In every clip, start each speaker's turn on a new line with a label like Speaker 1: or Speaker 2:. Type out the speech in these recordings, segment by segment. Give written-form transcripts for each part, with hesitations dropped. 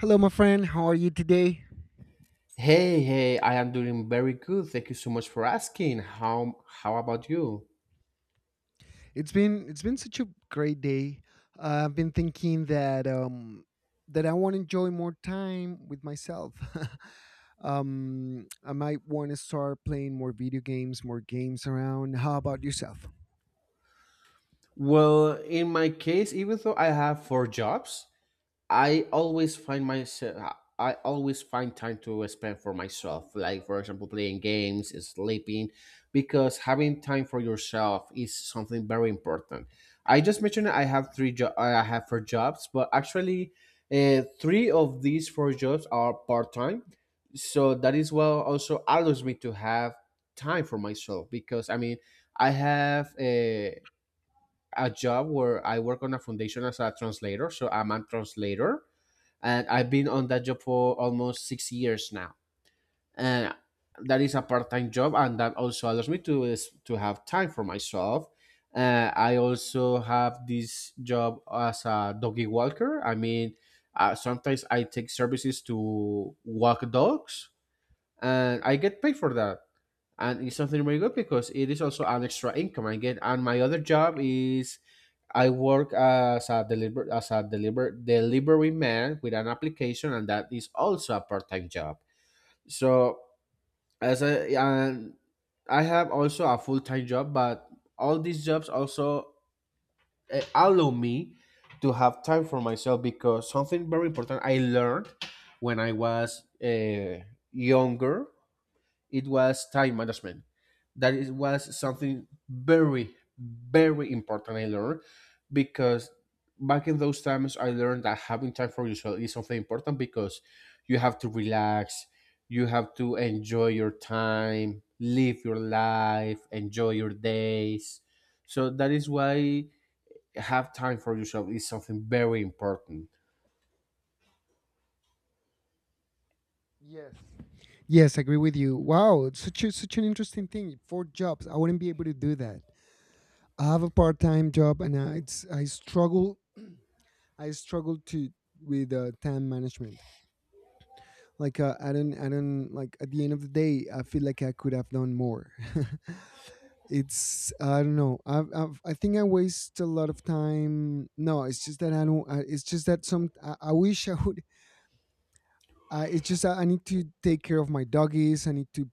Speaker 1: Hello, my friend. How are you today?
Speaker 2: Hey, hey, I am doing very good. Thank you so much for asking. How about you?
Speaker 1: It's been such a great day. I've been thinking that that I want to enjoy more time with myself. I might want to start playing more video games, more games around. How about yourself?
Speaker 2: Well, in my case, even though I have four jobs, I always find myself. I always find time to spend for myself, like for example, playing games, sleeping, because having time for yourself is something very important. I just mentioned I have four jobs, but actually, three of these four jobs are part time, so that is well also allows me to have time for myself because I mean I have a job where I work on a foundation as a translator, so I'm a translator and I've been on that job for almost 6 years now. And that is a part-time job, and that also allows to have time for myself. I also have this job as a doggy walker. I mean, sometimes I take services to walk dogs, and I get paid for that, and it's something very good because it is also an extra income I get. And my other job is I work as a deliver delivery man with an application, and that is also a part time job. So as a and I have also a full time job, but all these jobs also allow me to have time for myself because something very important I learned when I was younger, it was time management. That was something very, very important I learned because back in those times I learned that having time for yourself is something important because you have to relax, you have to enjoy your time, live your life, enjoy your days. So that is why have time for yourself is something very important.
Speaker 1: Yes. Yes, I agree with you. Wow, it's such an interesting thing. Four jobs. I wouldn't be able to do that. I have a part-time job and I struggle to with time management. Like I don't like at the end of the day I feel like I could have done more. it's I don't know. I think I waste a lot of time. No, it's just that I don't. It's just that some I wish I would. It's just that I need to take care of my doggies. I need to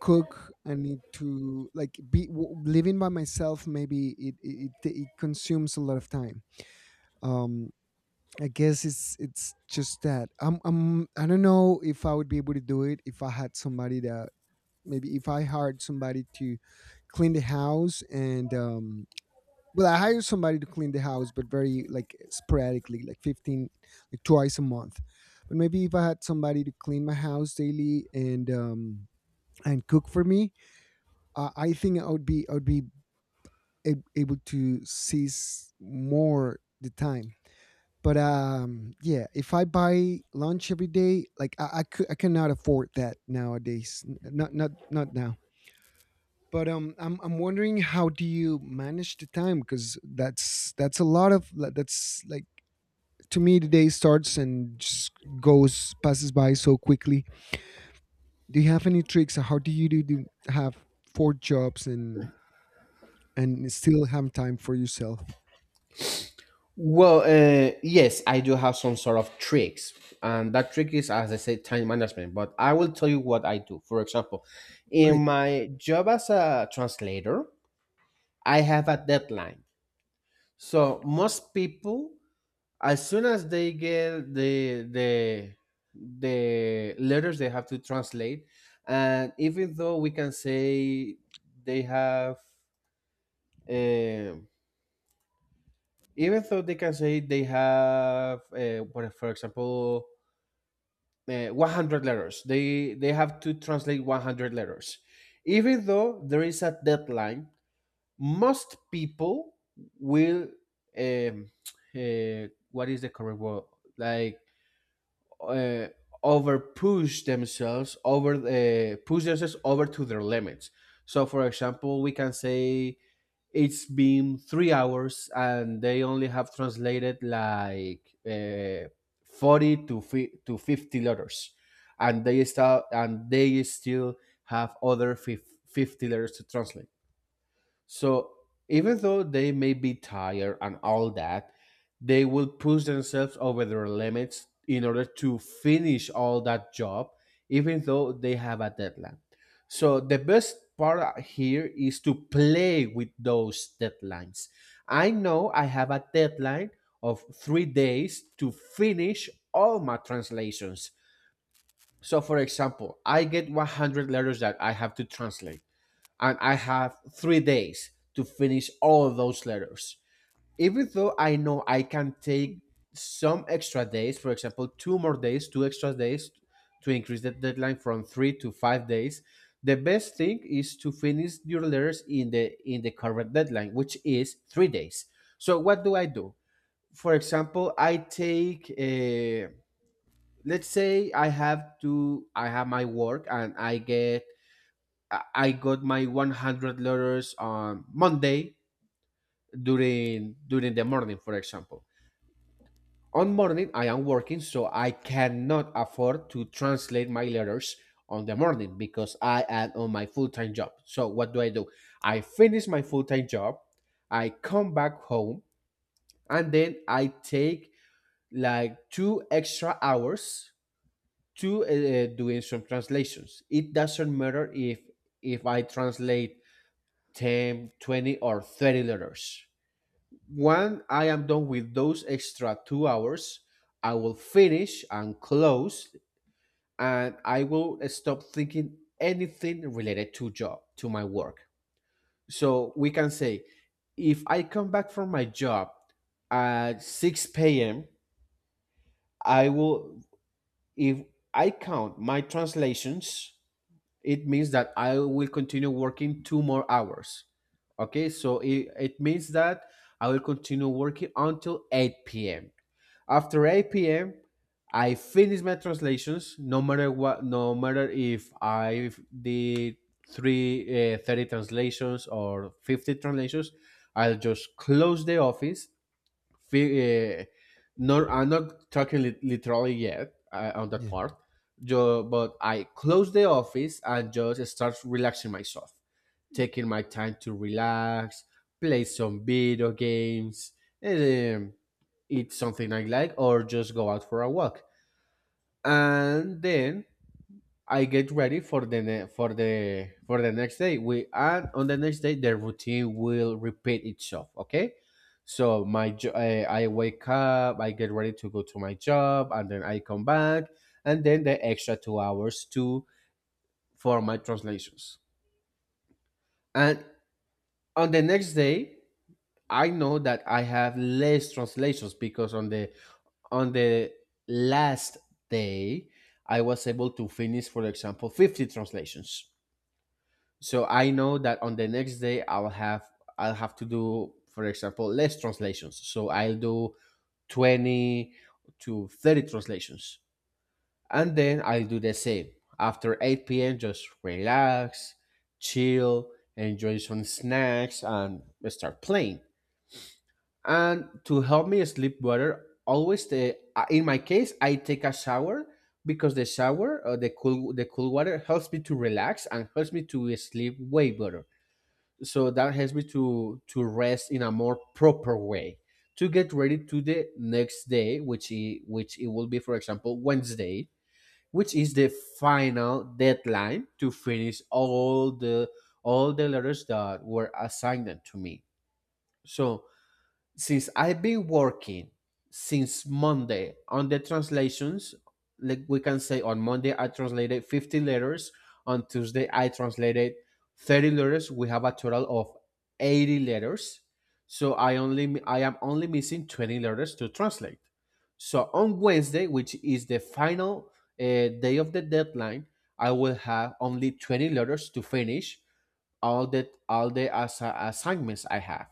Speaker 1: cook. I need to living by myself. Maybe it consumes a lot of time, um I guess it's just that I'm I don't know if I would be able to do it if I had somebody that, maybe if I hired somebody to clean the house and, well, I hired somebody to clean the house but very like sporadically, like 15, like twice a month. But maybe if I had somebody to clean my house daily and cook for me, I think I would be able to seize more the time. But yeah, if I buy lunch every day, like could, I cannot afford that nowadays. Not now. But I'm wondering, how do you manage the time? Because that's a lot of that's like, to me the day starts and just goes passes by so quickly. Do you have any tricks? Or how do have four jobs and still have time for yourself?
Speaker 2: Well, yes, I do have some sort of tricks, and that trick is, as I said, time management. But I will tell you what I do. For example, in
Speaker 1: Great.
Speaker 2: my job as a translator, I have a deadline. So most people, as soon as they get the the letters they have to translate, and even though we can say they have. Um, Even though they can say they have, for example, 100 letters. They have to translate 100 letters. Even though there is a deadline, most people will um, what is the correct word? Like uh, over push themselves over push themselves over to their limits. So, for example, we can say it's been 3 hours and they only have translated 40 to 50 letters, and they start and they still have 50 letters to translate, so even though they may be tired and all that, they will push themselves over their limits in order to finish all that job, even though they have a deadline. So the best part here is to play with those deadlines. I know I have a deadline of 3 days to finish all my translations. So, for example, I get 100 letters that I have to translate and I have 3 days to finish all of those letters. Even though I know I can take some extra days, for example, two more days, two extra days to increase the deadline from 3 to 5 days, the best thing is to finish your letters in the current deadline, which is 3 days. So what do I do? For example, I take a let's say I have to I have my work and I get I got my 100 letters on Monday during the morning, for example. On morning, I am working, so I cannot afford to translate my letters on the morning because I am on my full time job. So what do? I finish my full time job, I come back home, and then I take like two extra hours to doing some translations. It doesn't matter if I translate ten, 20, or 30 letters. When I am done with those extra 2 hours, I will finish and close, and I will stop thinking anything related to job, to my work. So we can say if I come back from my job at 6 p.m., I will if I count my translations, it means that I will continue working two more hours. Okay, so it means that I will continue working until 8 p.m. After 8 p.m., I finish my translations, no matter what, no matter if I did 30 translations or 50 translations, I'll just close the office fi- nor I'm not talking literally yet on that
Speaker 1: Yeah.
Speaker 2: part. But I close the office and just start relaxing myself, taking my time to relax, play some video games, and, eat something I like, or just go out for a walk. And then I get ready for the ne- for the next day. We and On the next day the routine will repeat itself. Okay, so I wake up, I get ready to go to my job, and then I come back, and then the extra 2 hours to for my translations. And on the next day, I know that I have less translations because on the last day I was able to finish, for example, 50 translations. So I know that on the next day I'll have to do, for example, less translations, so I'll do 20 to 30 translations, and then I'll do the same. After 8 p.m., just relax, chill, enjoy some snacks, and start playing. And to help me sleep better, always the in my case, I take a shower, because the shower, the cool water helps me to relax and helps me to sleep way better, so that helps me to rest in a more proper way to get ready to the next day, which it will be, for example, Wednesday, which is the final deadline to finish all the letters that were assigned to me. So since I've been working since Monday on the translations, like we can say on Monday I translated 50 letters, on Tuesday I translated 30 letters. We have a total of 80 letters. So I am only missing 20 letters to translate. So on Wednesday, which is the final day of the deadline, I will have only 20 letters to finish all the assignments I have.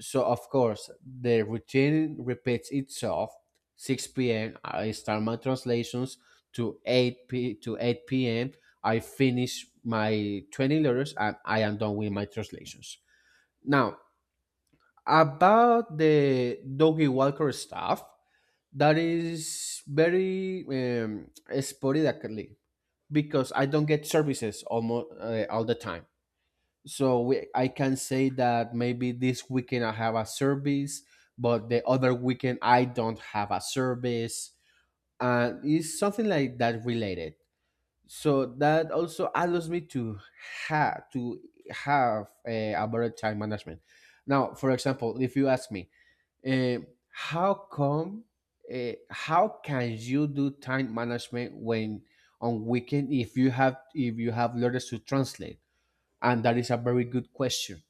Speaker 2: So of course the routine repeats itself. 6 p.m. I start my translations to 8 p.m. I finish my 20 letters and I am done with my translations. Now about the doggy walker stuff, that is very sporadically because I don't get services almost all the time, so we, I can say that maybe this weekend I have a service, but the other weekend I don't have a service, and it's something like that related. So that also allows me to have a better time management. Now, for example, if you ask me, eh, how come how can you do time management when on weekend if you have learners to translate? And that is a very good question.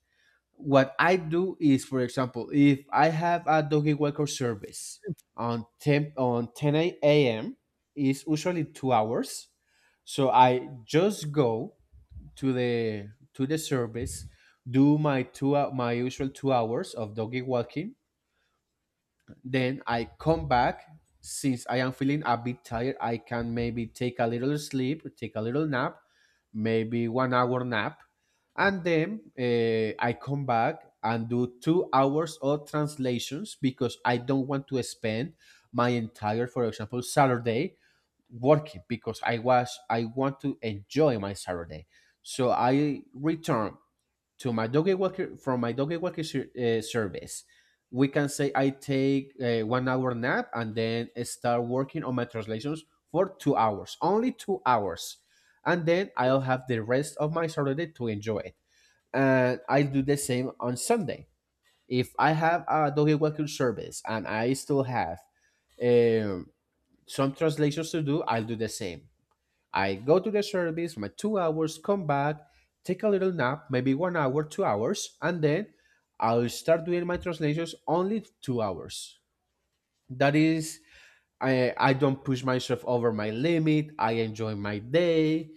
Speaker 2: What I do is, for example, if I have a doggy walker service on 10 a.m., it's usually 2 hours. So I just go to the service, do my my usual 2 hours of doggy walking, then I come back. Since I am feeling a bit tired, I can maybe take a little sleep, take a little nap, maybe 1 hour nap. And then I come back and do 2 hours of translations because I don't want to spend my entire, for example, Saturday working, because I want to enjoy my Saturday. So I return to my doggy walker from my doggy walker service. We can say I take a 1 hour nap and then start working on my translations for 2 hours, only 2 hours, and then I'll have the rest of my Saturday to enjoy it. And I do the same on Sunday. If I have a doggy walker service and I still have um, some translations to do, I'll do the same. I go to the service for my 2 hours, come back, take a little nap, maybe 1 hour, 2 hours, and then I'll start doing my translations, only 2 hours. That is, I don't push myself over my limit. I enjoy my day,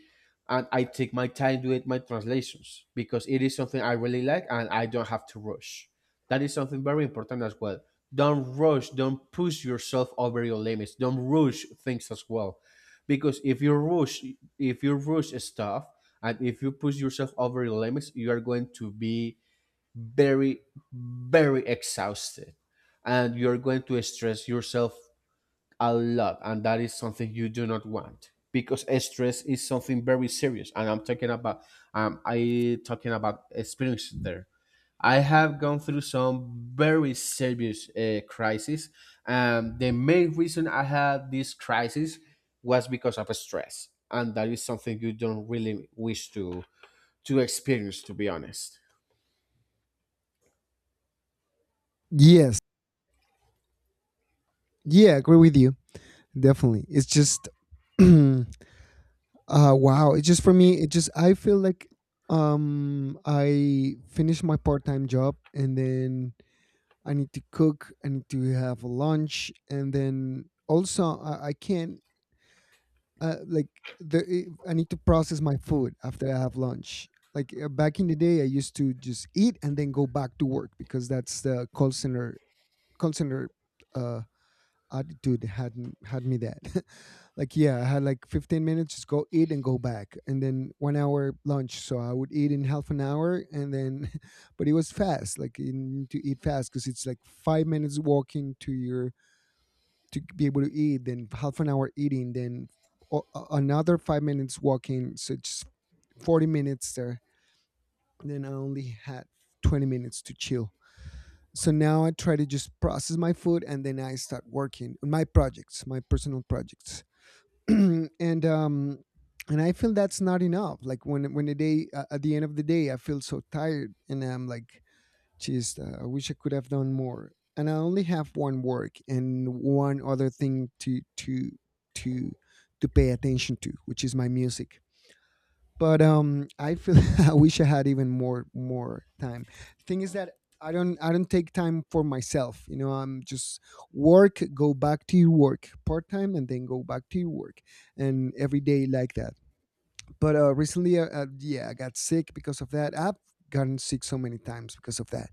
Speaker 2: and I take my time doing my translations because it is something I really like, and I don't have to rush. That is something very important as well. Don't rush. Don't push yourself over your limits. Don't rush things as well, because if you rush stuff, and if you push yourself over your limits, you are going to be very, very exhausted, and you're going to stress yourself a lot, and that is something you do not want because stress is something very serious. And I talking about experience there. I have gone through some very serious crisis, and the main reason I had this crisis was because of stress, and that is something you don't really wish to experience, to be honest.
Speaker 1: Yes. Yeah, I agree with you, definitely. It's just wow. It's just, for me, it just, I feel like, I finish my part time job and then I need to cook, I need to have lunch. And then also, I can't, like, I need to process my food after I have lunch. Like back in the day, I used to just eat and then go back to work because that's the call center uh, attitude had me, that like yeah, I had like 15 minutes, just go eat and go back, and then 1 hour lunch. So I would eat in half an hour and then but it was fast. Like you need to eat fast because it's like 5 minutes walking to your, to be able to eat, then half an hour eating, then another 5 minutes walking. So it's 40 minutes there. Then I only had 20 minutes to chill. So now I try to just process my food and then I start working on my projects, my personal projects. and um and I feel that's not enough. Like when the day, at the end of the day, I feel so tired and I'm like, geez, I wish I could have done more. And I only have one work and one other thing to to to pay attention to, which is my music. But I feel I wish I had even more more time. Thing is that I don't take time for myself, you know. I'm just work, go back to your work part-time, and then go back to your work, and every day like that. But recently, yeah, I got sick because of that. I've gotten sick so many times because of that.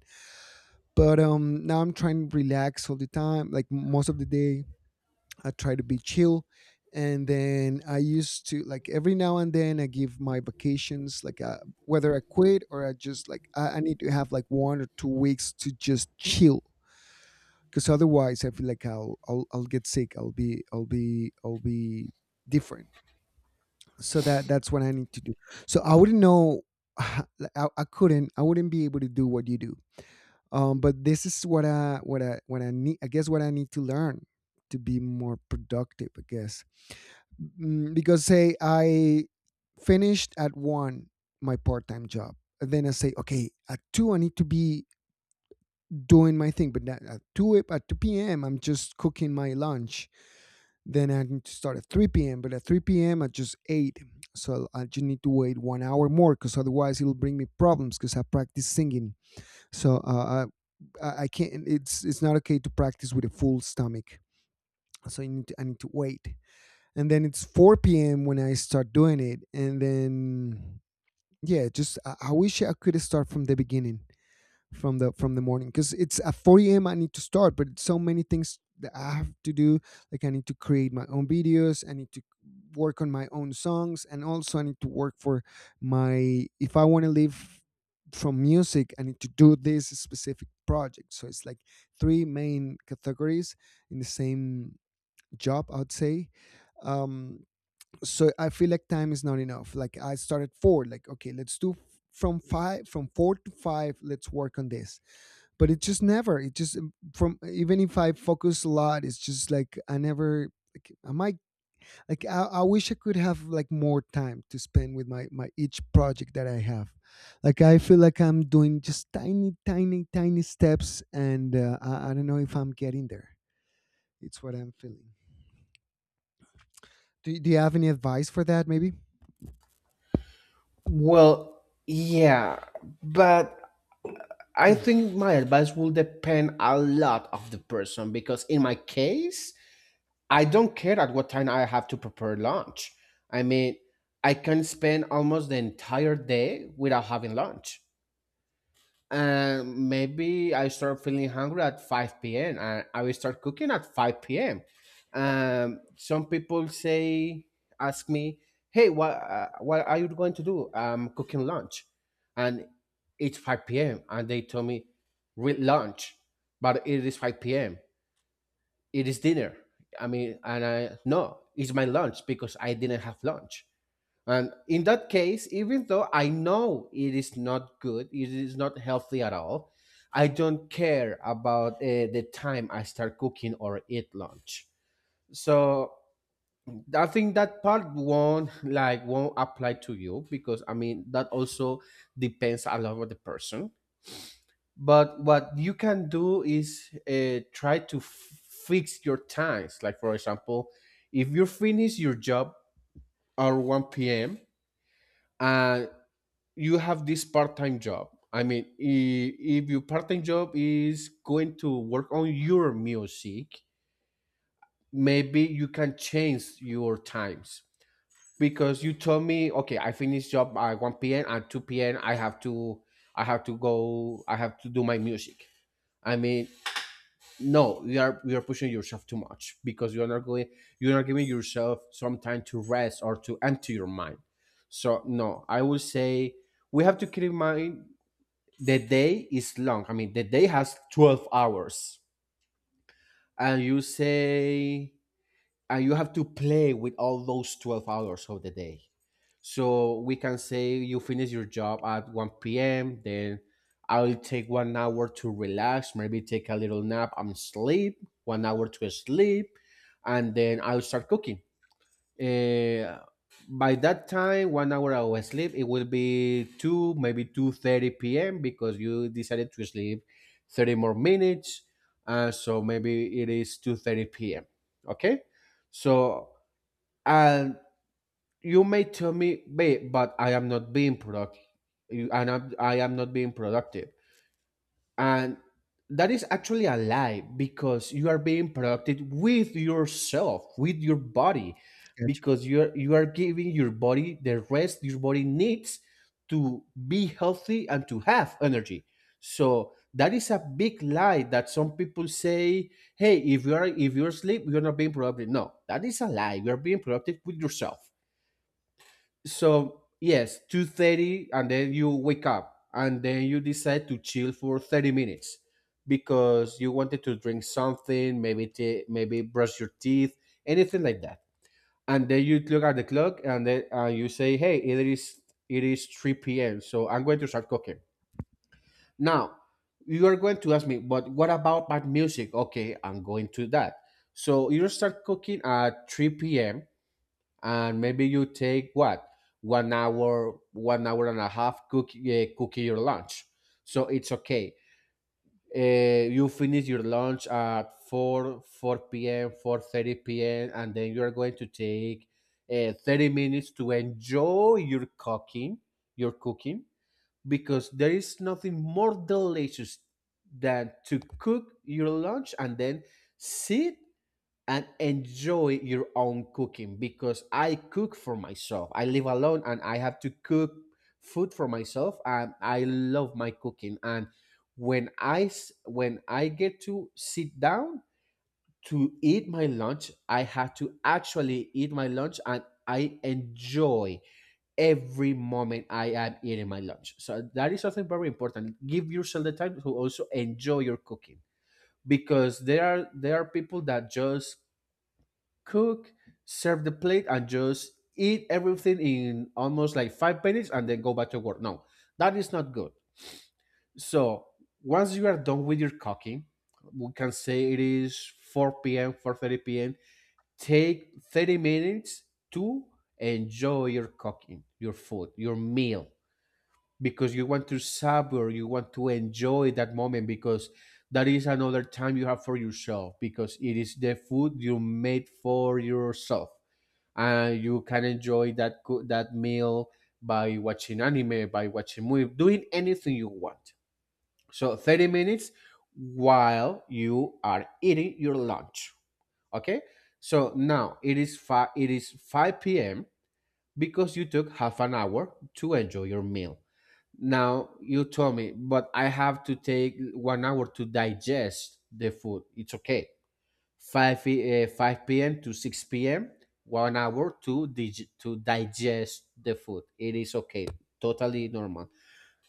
Speaker 1: But now I'm trying to relax all the time, like most of the day I try to be chill. And then I used to like every now and then I give my vacations like, whether I quit or I just like, I need to have like 1 or 2 weeks to just chill, because otherwise I feel like I'll get sick. I'll be different. So that that's what I need to do. So I wouldn't know. Like, I couldn't, I wouldn't be able to do what you do. But this is what I need, I guess. What I need to learn to be more productive, I guess. Mm, because, say, I finished at one, my part time job, and then I say, okay, at two I need to be doing my thing. But not at two, at two p.m. I'm just cooking my lunch. Then I need to start at three p.m. But at three p.m. I just ate. So I just need to wait 1 hour more because otherwise it'll bring me problems because I practice singing. So I can't. It's not okay to practice with a full stomach. So I need to wait. And then it's 4 p.m. when I start doing it. And then yeah, just, I wish I could start from the beginning, from the morning. Because it's at 4 a.m. I need to start, but it's so many things that I have to do. Like I need to create my own videos. I need to work on my own songs, and also I need to work for my, if I want to live from music, I need to do this specific project. So it's like three main categories in the same job, I would say. Um, so I feel like time is not enough. Like I started four, like, okay, let's from five, from four to five, let's work on this. But it just never, it just, from, even if I focus a lot, it's just like I never, like am i might, like, I wish I could have like more time to spend with my, my each project that I have. Like I feel like I'm doing just tiny steps, and I don't know if I'm getting there. It's what I'm feeling. Do you have any advice for that, maybe?
Speaker 2: Well, yeah, but I
Speaker 1: Thanks.
Speaker 2: think my advice will depend a lot of the person because in my case, I don't care at what time I have to prepare lunch. I mean, I can spend almost the entire day without having lunch, and maybe I start feeling hungry at 5 p.m., and I will start cooking at 5 p.m. Some people say, ask me, hey, what are you going to do? I'm cooking lunch, and it's 5 p.m., and they told me, with lunch, but it is 5 p.m. It is dinner. I mean, and I, no, it's my lunch because I didn't have lunch. And in that case, even though I know it is not good, it is not healthy at all, I don't care about the time I start cooking or eat lunch. So I think that part won't apply to you because I mean that also depends a lot on the person. But what you can do is try to fix your times. Like, for example, if you finish your job at 1 p.m. and you have this part-time job, I mean, if your part-time job is going to work on your music, maybe you can change your times because you told me, okay, I finish job at 1 p.m, at 2 p.m I have to go, I have to do my music. I mean, no, you are pushing yourself too much because you're not giving yourself some time to rest or to empty your mind. So, no, I would say we have to keep in mind the day is long. I mean, the day has 12 hours. And you have to play with all those 12 hours of the day. So we can say you finish your job at 1 p.m., then I'll take 1 hour to relax, maybe take a little nap and sleep, 1 hour to sleep, and then I'll start cooking. Uh, by that time, 1 hour of sleep, it will be 2, maybe 2:30 p.m. because you decided to sleep 30 more minutes, so maybe it is 2:30 p.m. Okay, so and you may tell me, babe, but I am not being productive. I am not being productive, and that is actually a lie because you are being productive with yourself with your body
Speaker 1: Gotcha.
Speaker 2: because you are giving your body the rest your body needs to be healthy and to have energy. So that is a big lie that some people say: hey, if you are if you're asleep, you're not being productive. No, that is a lie. You are being productive with yourself. So, yes, 2:30, and then you wake up, and then you decide to chill for 30 minutes because you wanted to drink something, maybe maybe brush your teeth, anything like that. And then you look at the clock, and then you say, "Hey, it is three p.m. So I'm going to start cooking now." You are going to ask me, but what about my music? Okay, I'm going to that. So you start cooking at 3 p.m, and maybe you take what, 1 hour, 1 hour and a half cooking your lunch. So it's okay. You finish your lunch at four p.m., 4:30 p.m., and then you are going to take 30 minutes to enjoy your cooking, because there is nothing more delicious than to cook your lunch and then sit and enjoy your own cooking because I cook for myself. I live alone, and I have to cook food for myself, and I love my cooking. And when I get to sit down to eat my lunch, I have to actually eat my lunch, and I enjoy every moment I am eating my lunch. So that is something very important. Give yourself the time to also enjoy your cooking because there are people that just cook, serve the plate, and just eat everything in almost like 5 minutes and then go back to work. No, that is not good. So once you are done with your cooking, we can say it is 4 p.m., 4:30 p.m., take 30 minutes to enjoy your cooking, your food, your meal, because you want to savor, you want to enjoy that moment because that is another time you have for yourself because it is the food you made for yourself. You can enjoy that that meal by watching anime, by watching movie, doing anything you want. So 30 minutes while you are eating your lunch. Okay? So now it is five, it is 5 p.m., because you took half an hour to enjoy your meal. Now you told me, but I have to take 1 hour to digest the food. It's okay. 5, 5 p.m. to 6 p.m., 1 hour to digest the food. It is okay, totally normal.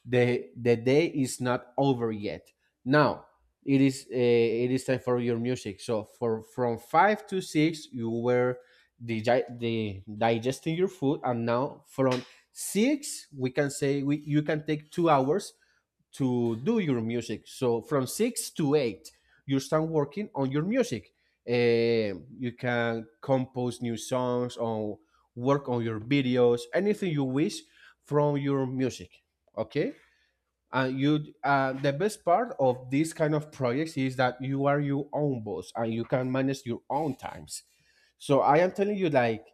Speaker 2: The day is not over yet. Now it is time for your music. So for from five to six, you were digi- the digesting your food, and now from six, we can say you can take 2 hours to do your music. So from six to eight, you start working on your music. You can compose new songs or work on your videos, anything you wish from your music. Okay, and you the best part of this kind of projects is that you are your own boss and you can manage your own times. So I am telling you, like,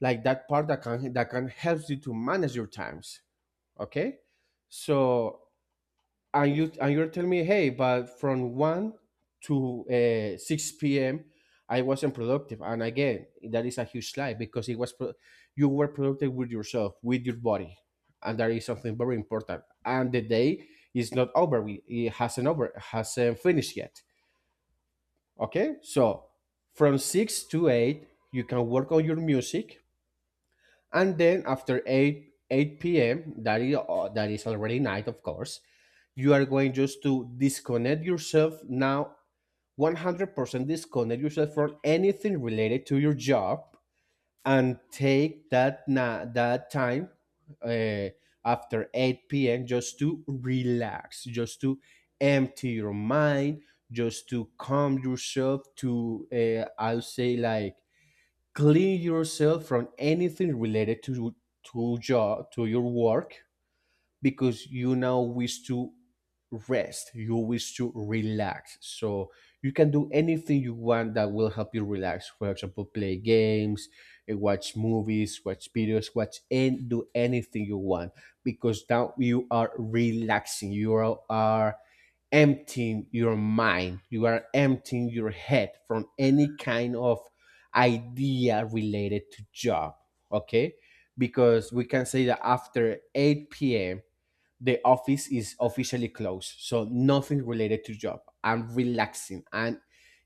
Speaker 2: that part that can help you to manage your times. Okay. So and you and you're telling me, hey, but from one to six p.m., I wasn't productive, and again, that is a huge lie because it was you were productive with yourself, with your body, and that is something very important. And the day is not over; it hasn't over, hasn't finished yet. Okay, so from six to eight, you can work on your music, and then after 8 p.m, that is already night, of course. You are going just to disconnect yourself now, 100% disconnect yourself from anything related to your job, and take that that time, uh, after 8 p.m, just to relax, just to empty your mind, just to calm yourself, to I'll say like clean yourself from anything related to your work because you now wish to rest, you wish to relax. So you can do anything you want that will help you relax. For example, play games, eh, watch movies, watch videos, watch, and do anything you want because now you are relaxing. You are, emptying your mind. You are emptying your head from any kind of idea related to job. Okay, because we can say that after 8 p.m. the office is officially closed, so nothing related to job. I'm relaxing and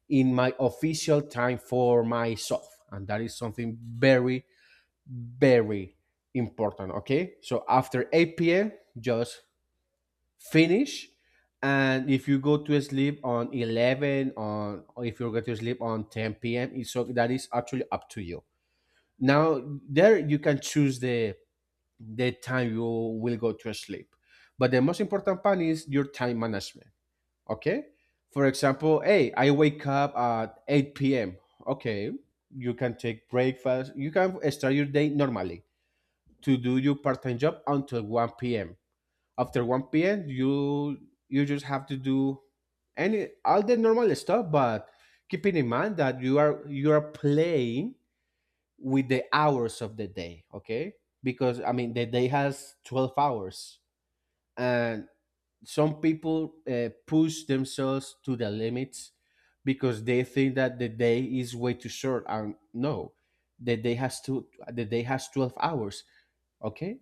Speaker 2: in my official time for myself, and that is something very, very important. Okay, so after 8 p.m., just finish. And if you go to sleep on 11, on or if you're going to sleep on 10 p.m., it's, so that is actually up to you. Now there you can choose the time you will go to sleep. But the most important part is your time management. Okay. For example, hey, I wake up at 8 p.m. Okay. You can take breakfast. You can start your day normally to do your part-time job until 1 p.m. After 1 p.m., you just have to do any all the normal stuff, but keeping in mind that you are playing with the hours of the day. Okay, because I mean the day has 12 hours, and some people push themselves to the limits because they think that the day is way too short. And no, the day has to the day has 12 hours. Okay,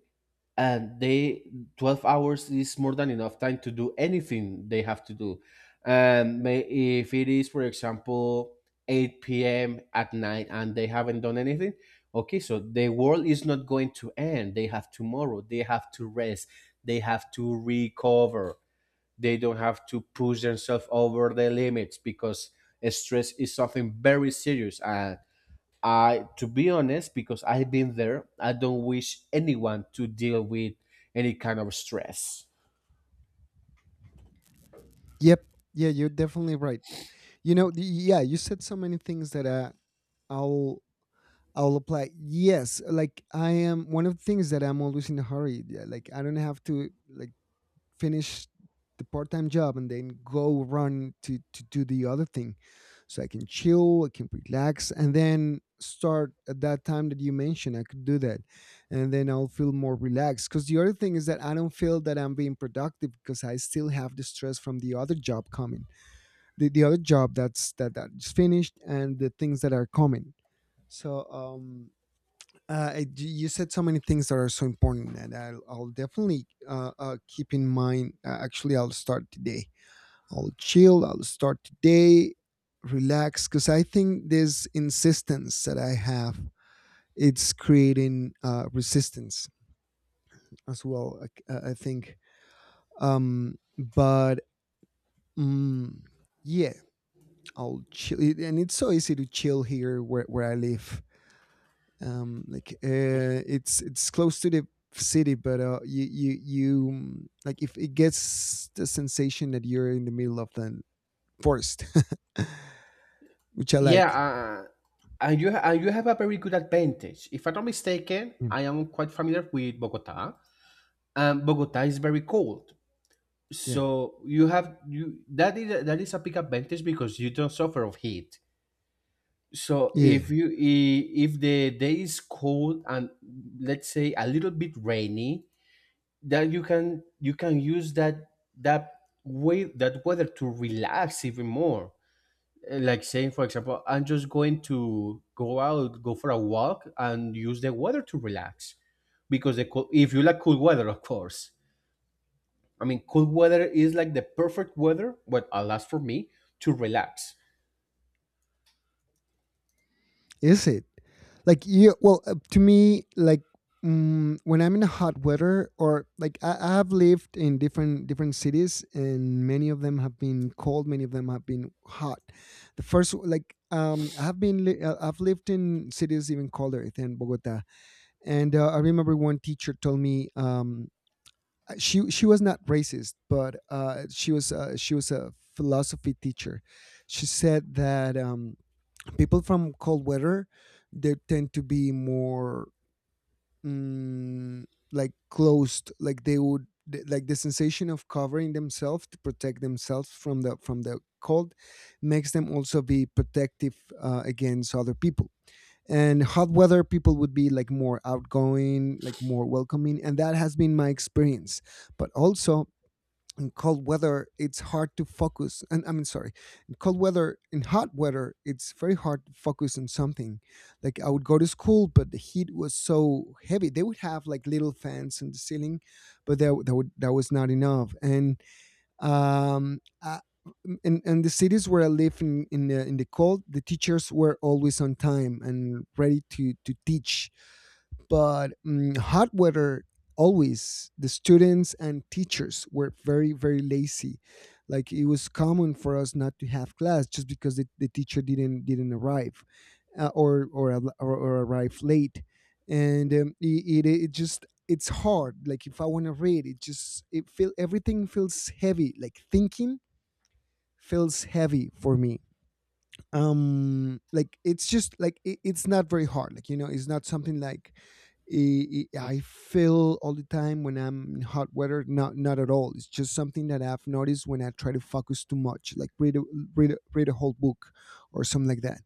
Speaker 2: and they 12 hours is more than enough time to do anything they have to do. And may, if it is for example 8 p.m at night and they haven't done anything, okay, so the world is not going to end. They have tomorrow. They have to rest, they have to recover. They don't have to push themselves over the limits because stress is something very serious. And I, to be honest, because I've been there, I don't wish anyone to deal with any kind of stress.
Speaker 1: Yep. Yeah, you're definitely right. You know, the, yeah, you said so many things that I'll I'll apply. Yes, like I am one of the things that I'm always in a hurry. Yeah, like I don't have to like finish the part-time job and then go run to do the other thing, so I can chill, I can relax, and then start at that time that you mentioned. I could do that, and then I'll feel more relaxed, because the other thing is that I don't feel that I'm being productive because I still have the stress from the other job coming, the other job that's that's finished, and the things that are coming. So I- you said so many things that are so important, and I'll definitely keep in mind. Actually, I'll start today. I'll chill. I'll start today, relax, because I think this insistence that I have, it's creating resistance as well. I think, but mm yeah, I'll chill. And it's so easy to chill here where I live. Like it's close to the city, but you you you mm, like, if it gets the sensation that you're in the middle of the forest which I
Speaker 2: Yeah,
Speaker 1: like.
Speaker 2: and you have a very good advantage. If I'm not mistaken,
Speaker 1: Mm.
Speaker 2: I am quite familiar with Bogota, and Bogota is very cold.
Speaker 1: Yeah.
Speaker 2: So you have you that is a big advantage because you don't suffer of heat. So
Speaker 1: Yeah.
Speaker 2: if you I- if the day is cold and let's say a little bit rainy, that you can use that way, that weather, to relax even more. Like saying for example, I'm just going to go out, go for a walk and use the weather to relax, because the cool, if you like cool weather of course, I mean cool weather is like the perfect weather what alas for me to relax.
Speaker 1: Is it like you, well, to me like, mm, when I'm in a hot weather, or like, I have lived in different cities, and many of them have been cold, many of them have been hot. The first like, I have been I've lived in cities even colder than Bogota. And I remember one teacher told me, she was not racist, but she was a philosophy teacher. She said that people from cold weather they tend to be more mm, like closed, like they would like the sensation of covering themselves to protect themselves from the cold makes them also be protective against other people, and hot weather people would be like more outgoing, like more welcoming, and that has been my experience. But also in cold weather it's hard to focus, and I mean, sorry, in cold weather, in hot weather it's very hard to focus on something. Like I would go to school but the heat was so heavy, they would have like little fans in the ceiling, but that was not enough. And um, uh, in the cities where I live in in the cold, the teachers were always on time and ready to teach. But mm, hot weather, always the students and teachers were very, very lazy. Like it was common for us not to have class just because the teacher didn't arrive, or al- or arrive late, and it's hard. Like if I want to read, it just it feel everything feels heavy. Like thinking feels heavy for me. Like it's just like it's not very hard, like, you know, it's not something like i i I feel all the time when I'm in hot weather. Not at all. It's just something that I've noticed when I try to focus too much, like read read a whole book or something like that.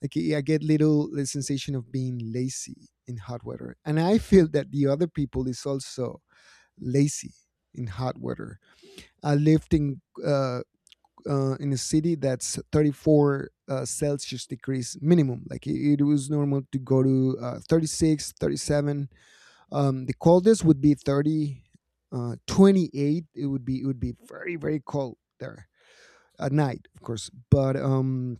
Speaker 1: Like I get little the sensation of being lazy in hot weather, and I feel that the other people is also lazy in hot weather. I lived uh, in a city that's 34 Celsius degrees minimum. Like it was normal to go to 36, 37. The coldest would be 30, 28. It would be very very cold there at night, of course. But um,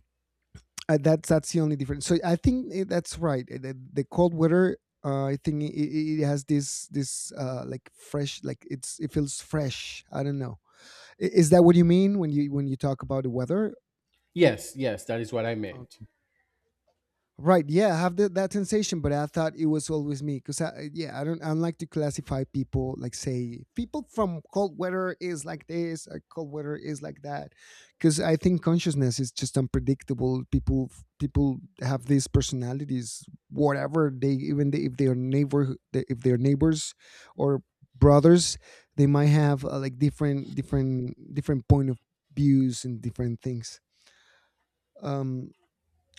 Speaker 1: uh, that's the only difference. So I think that's right. The cold weather. I think it has this like fresh, like it's it feels fresh. I don't know. Is that what you mean when you talk about the weather?
Speaker 2: Yes, yes, that is what I meant.
Speaker 1: Right. Yeah, I have that sensation, but I thought it was always me because I, yeah, I don't like to classify people. Like say, people from cold weather is like this, cold weather is like that, because I think consciousness is just unpredictable. People, people have these personalities, whatever they, even they, if they are neighbor, if they're neighbors or brothers, they might have like different point of views and different things. Um,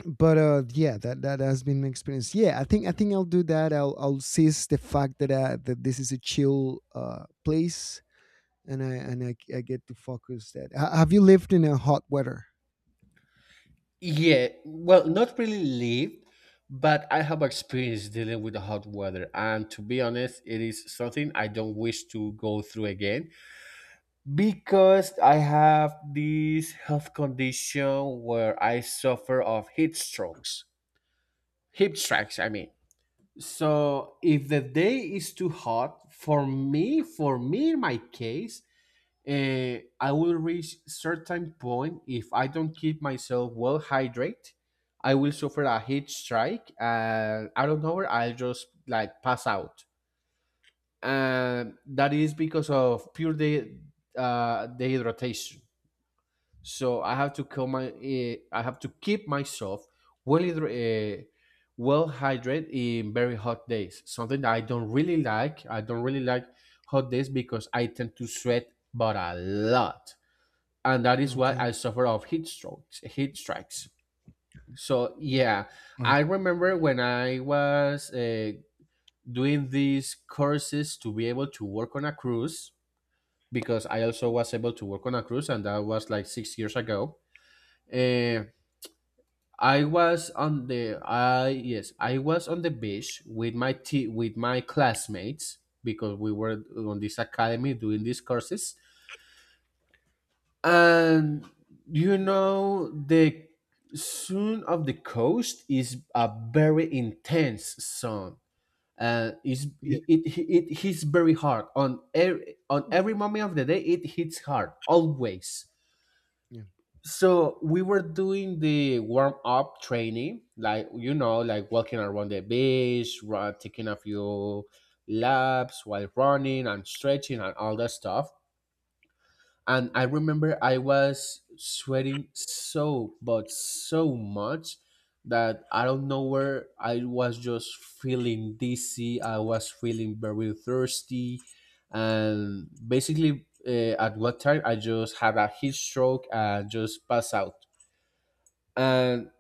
Speaker 1: but yeah, that that has been an experience. Yeah, I think I'll do that. I'll seize the fact that that this is a chill place, and I get to focus that. Have you lived in a hot weather?
Speaker 2: Yeah, well, not really lived, but I have experience dealing with the hot weather. And to be honest, it is something I don't wish to go through again because I have this health condition where I suffer of heat strokes, heat strikes, I mean. So if the day is too hot, for me in my case, I will reach certain point. If I don't keep myself well hydrated, I will suffer a heat strike and I don't know, I'll just like pass out. And that is because of pure dehydration. So I have to keep myself well hydra- uh, well hydrated in very hot days. Something that I don't really like. I don't really like hot days because I tend to sweat but a lot, and that is why
Speaker 1: Okay.
Speaker 2: I suffer of heat strokes, heat strikes. So yeah,
Speaker 1: Right.
Speaker 2: I remember when I was doing these courses to be able to work on a cruise, because I also was able to work on a cruise, and that was like 6 years ago. Uh, I was on the beach with with my classmates because we were on this academy doing these courses. And you
Speaker 1: Mm.
Speaker 2: know, the sound of the coast is a very intense sound, and
Speaker 1: Yeah.
Speaker 2: it hits very hard on on every moment of the day. It hits hard always. So we were doing the warm up training, like, you know, like walking around the beach, taking a few laps while running and stretching and all that stuff. And I remember I was sweating so but so much that I don't know where I was just feeling dizzy. I was feeling very thirsty, and basically at what time I just had a heat stroke and just passed out. And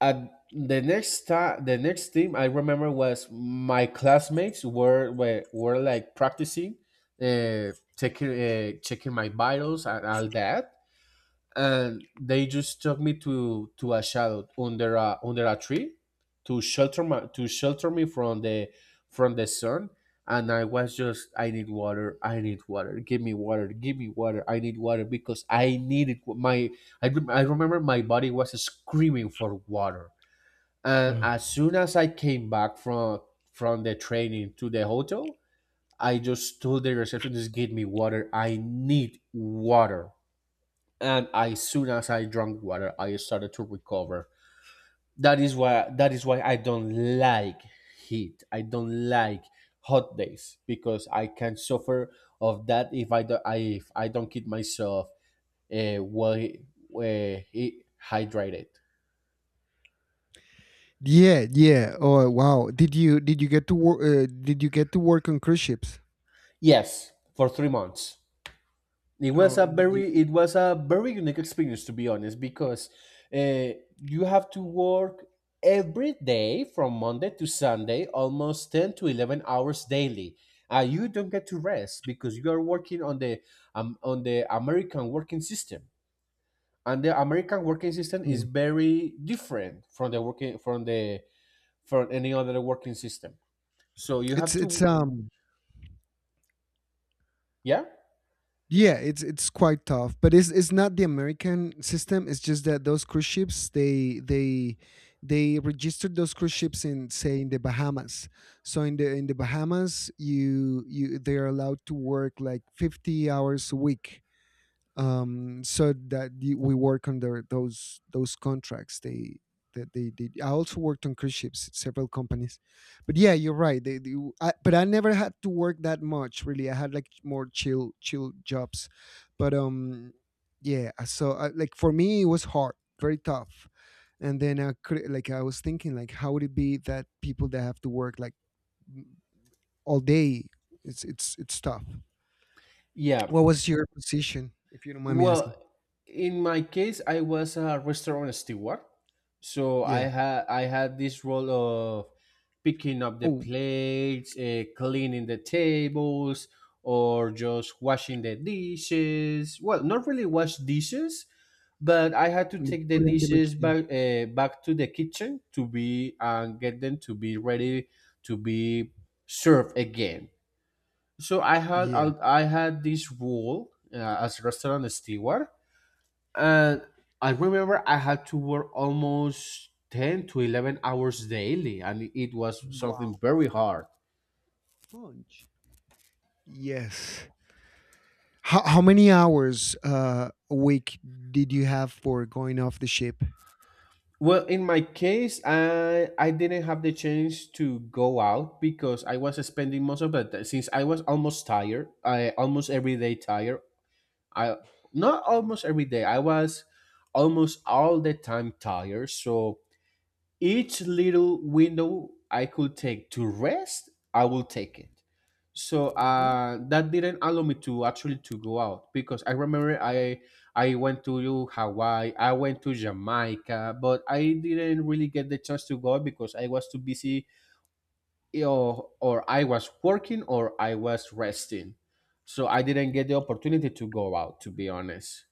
Speaker 2: at the next time, the next thing I remember was my classmates were were like practicing, checking my vitals and all that, and they just took me to a shadow under a tree to shelter my to shelter me from the sun. And I was just, I need water, I need water, give me water, give me water, I need water, because I needed wa- my I, rem- I remember my body was screaming for water. And
Speaker 1: Wow.
Speaker 2: as soon as I came back from the training to the hotel, I just told the receptionist, give me water, I need water. And as soon as I drank water, I started to recover. That is why I don't like heat. I don't like hot days because I can suffer of that if I don't I, if I don't keep myself uh, well uh, hydrated.
Speaker 1: Yeah, yeah. Oh, wow. Did you get to work? Did you get to work on cruise ships?
Speaker 2: Yes, for 3 months. It was
Speaker 1: Oh,
Speaker 2: a
Speaker 1: did you,
Speaker 2: very unique experience to be honest, because uh, you have to work every day from Monday to Sunday, almost 10 to 11 hours daily. Uh, you don't get to rest because you are working on the American working system, and the American working system is
Speaker 1: Mm.
Speaker 2: very different from the from any other working system. So you have
Speaker 1: It's
Speaker 2: to. Yeah,
Speaker 1: yeah, it's quite tough, but it's not the American system. It's just that those cruise ships they registered those cruise ships in, say, in the Bahamas. So in the Bahamas, you they are allowed to work like 50 hours a week. We work on their, those contracts. They that they did. I also worked on cruise ships, several companies, but yeah, you're right. They I, but I never had to work that much. Really, I had like more chill jobs, but yeah. So I, like for me, it was hard, very tough. And then I could, like, I was thinking like how would it be that people that have to work like all day? It's tough.
Speaker 2: yeah.
Speaker 1: What was your position, if you don't mind me asking?
Speaker 2: Well, in my case, I was a restaurant steward, so
Speaker 1: Yeah.
Speaker 2: I had this role of picking up the
Speaker 1: Oh,
Speaker 2: plates, cleaning the tables, or just washing the dishes. Well, not really wash dishes, but I had to
Speaker 1: mm,
Speaker 2: take the
Speaker 1: put in the
Speaker 2: dishes
Speaker 1: machine.
Speaker 2: back to the kitchen to be and get them to be ready to be served again. So
Speaker 1: Yeah.
Speaker 2: I had this role as restaurant steward, and I remember I had to work almost 10 to 11 hours daily, and it was
Speaker 1: Wow,
Speaker 2: something very hard.
Speaker 1: punch. Yes. How many hours a week did you have for going off the ship?
Speaker 2: Well, in my case, I didn't have the chance to go out because I was spending most of since I was almost tired, I almost every day tired. I Not almost every day. I was almost all the time tired. So each little window I could take to rest, I will take it. So
Speaker 1: Hmm.
Speaker 2: that didn't allow me to actually to go out because I went to Hawaii, I went to Jamaica, but I didn't really get the chance to go out because I was too busy, or I was working or I was resting. So I didn't get the opportunity to go out to be honest.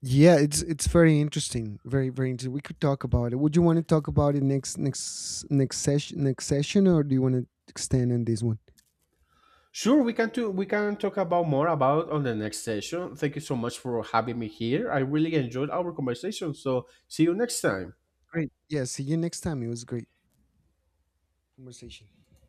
Speaker 1: Yeah, it's very interesting. Very very interesting. We could talk about it. Would you want to talk about it next session, or do you want to extend on this one?
Speaker 2: Sure, we can talk about more about on the next session. Thank you so much for having me here. I really enjoyed our conversation. So see you next time.
Speaker 1: Great. Yeah. See you next time. It was a great conversation.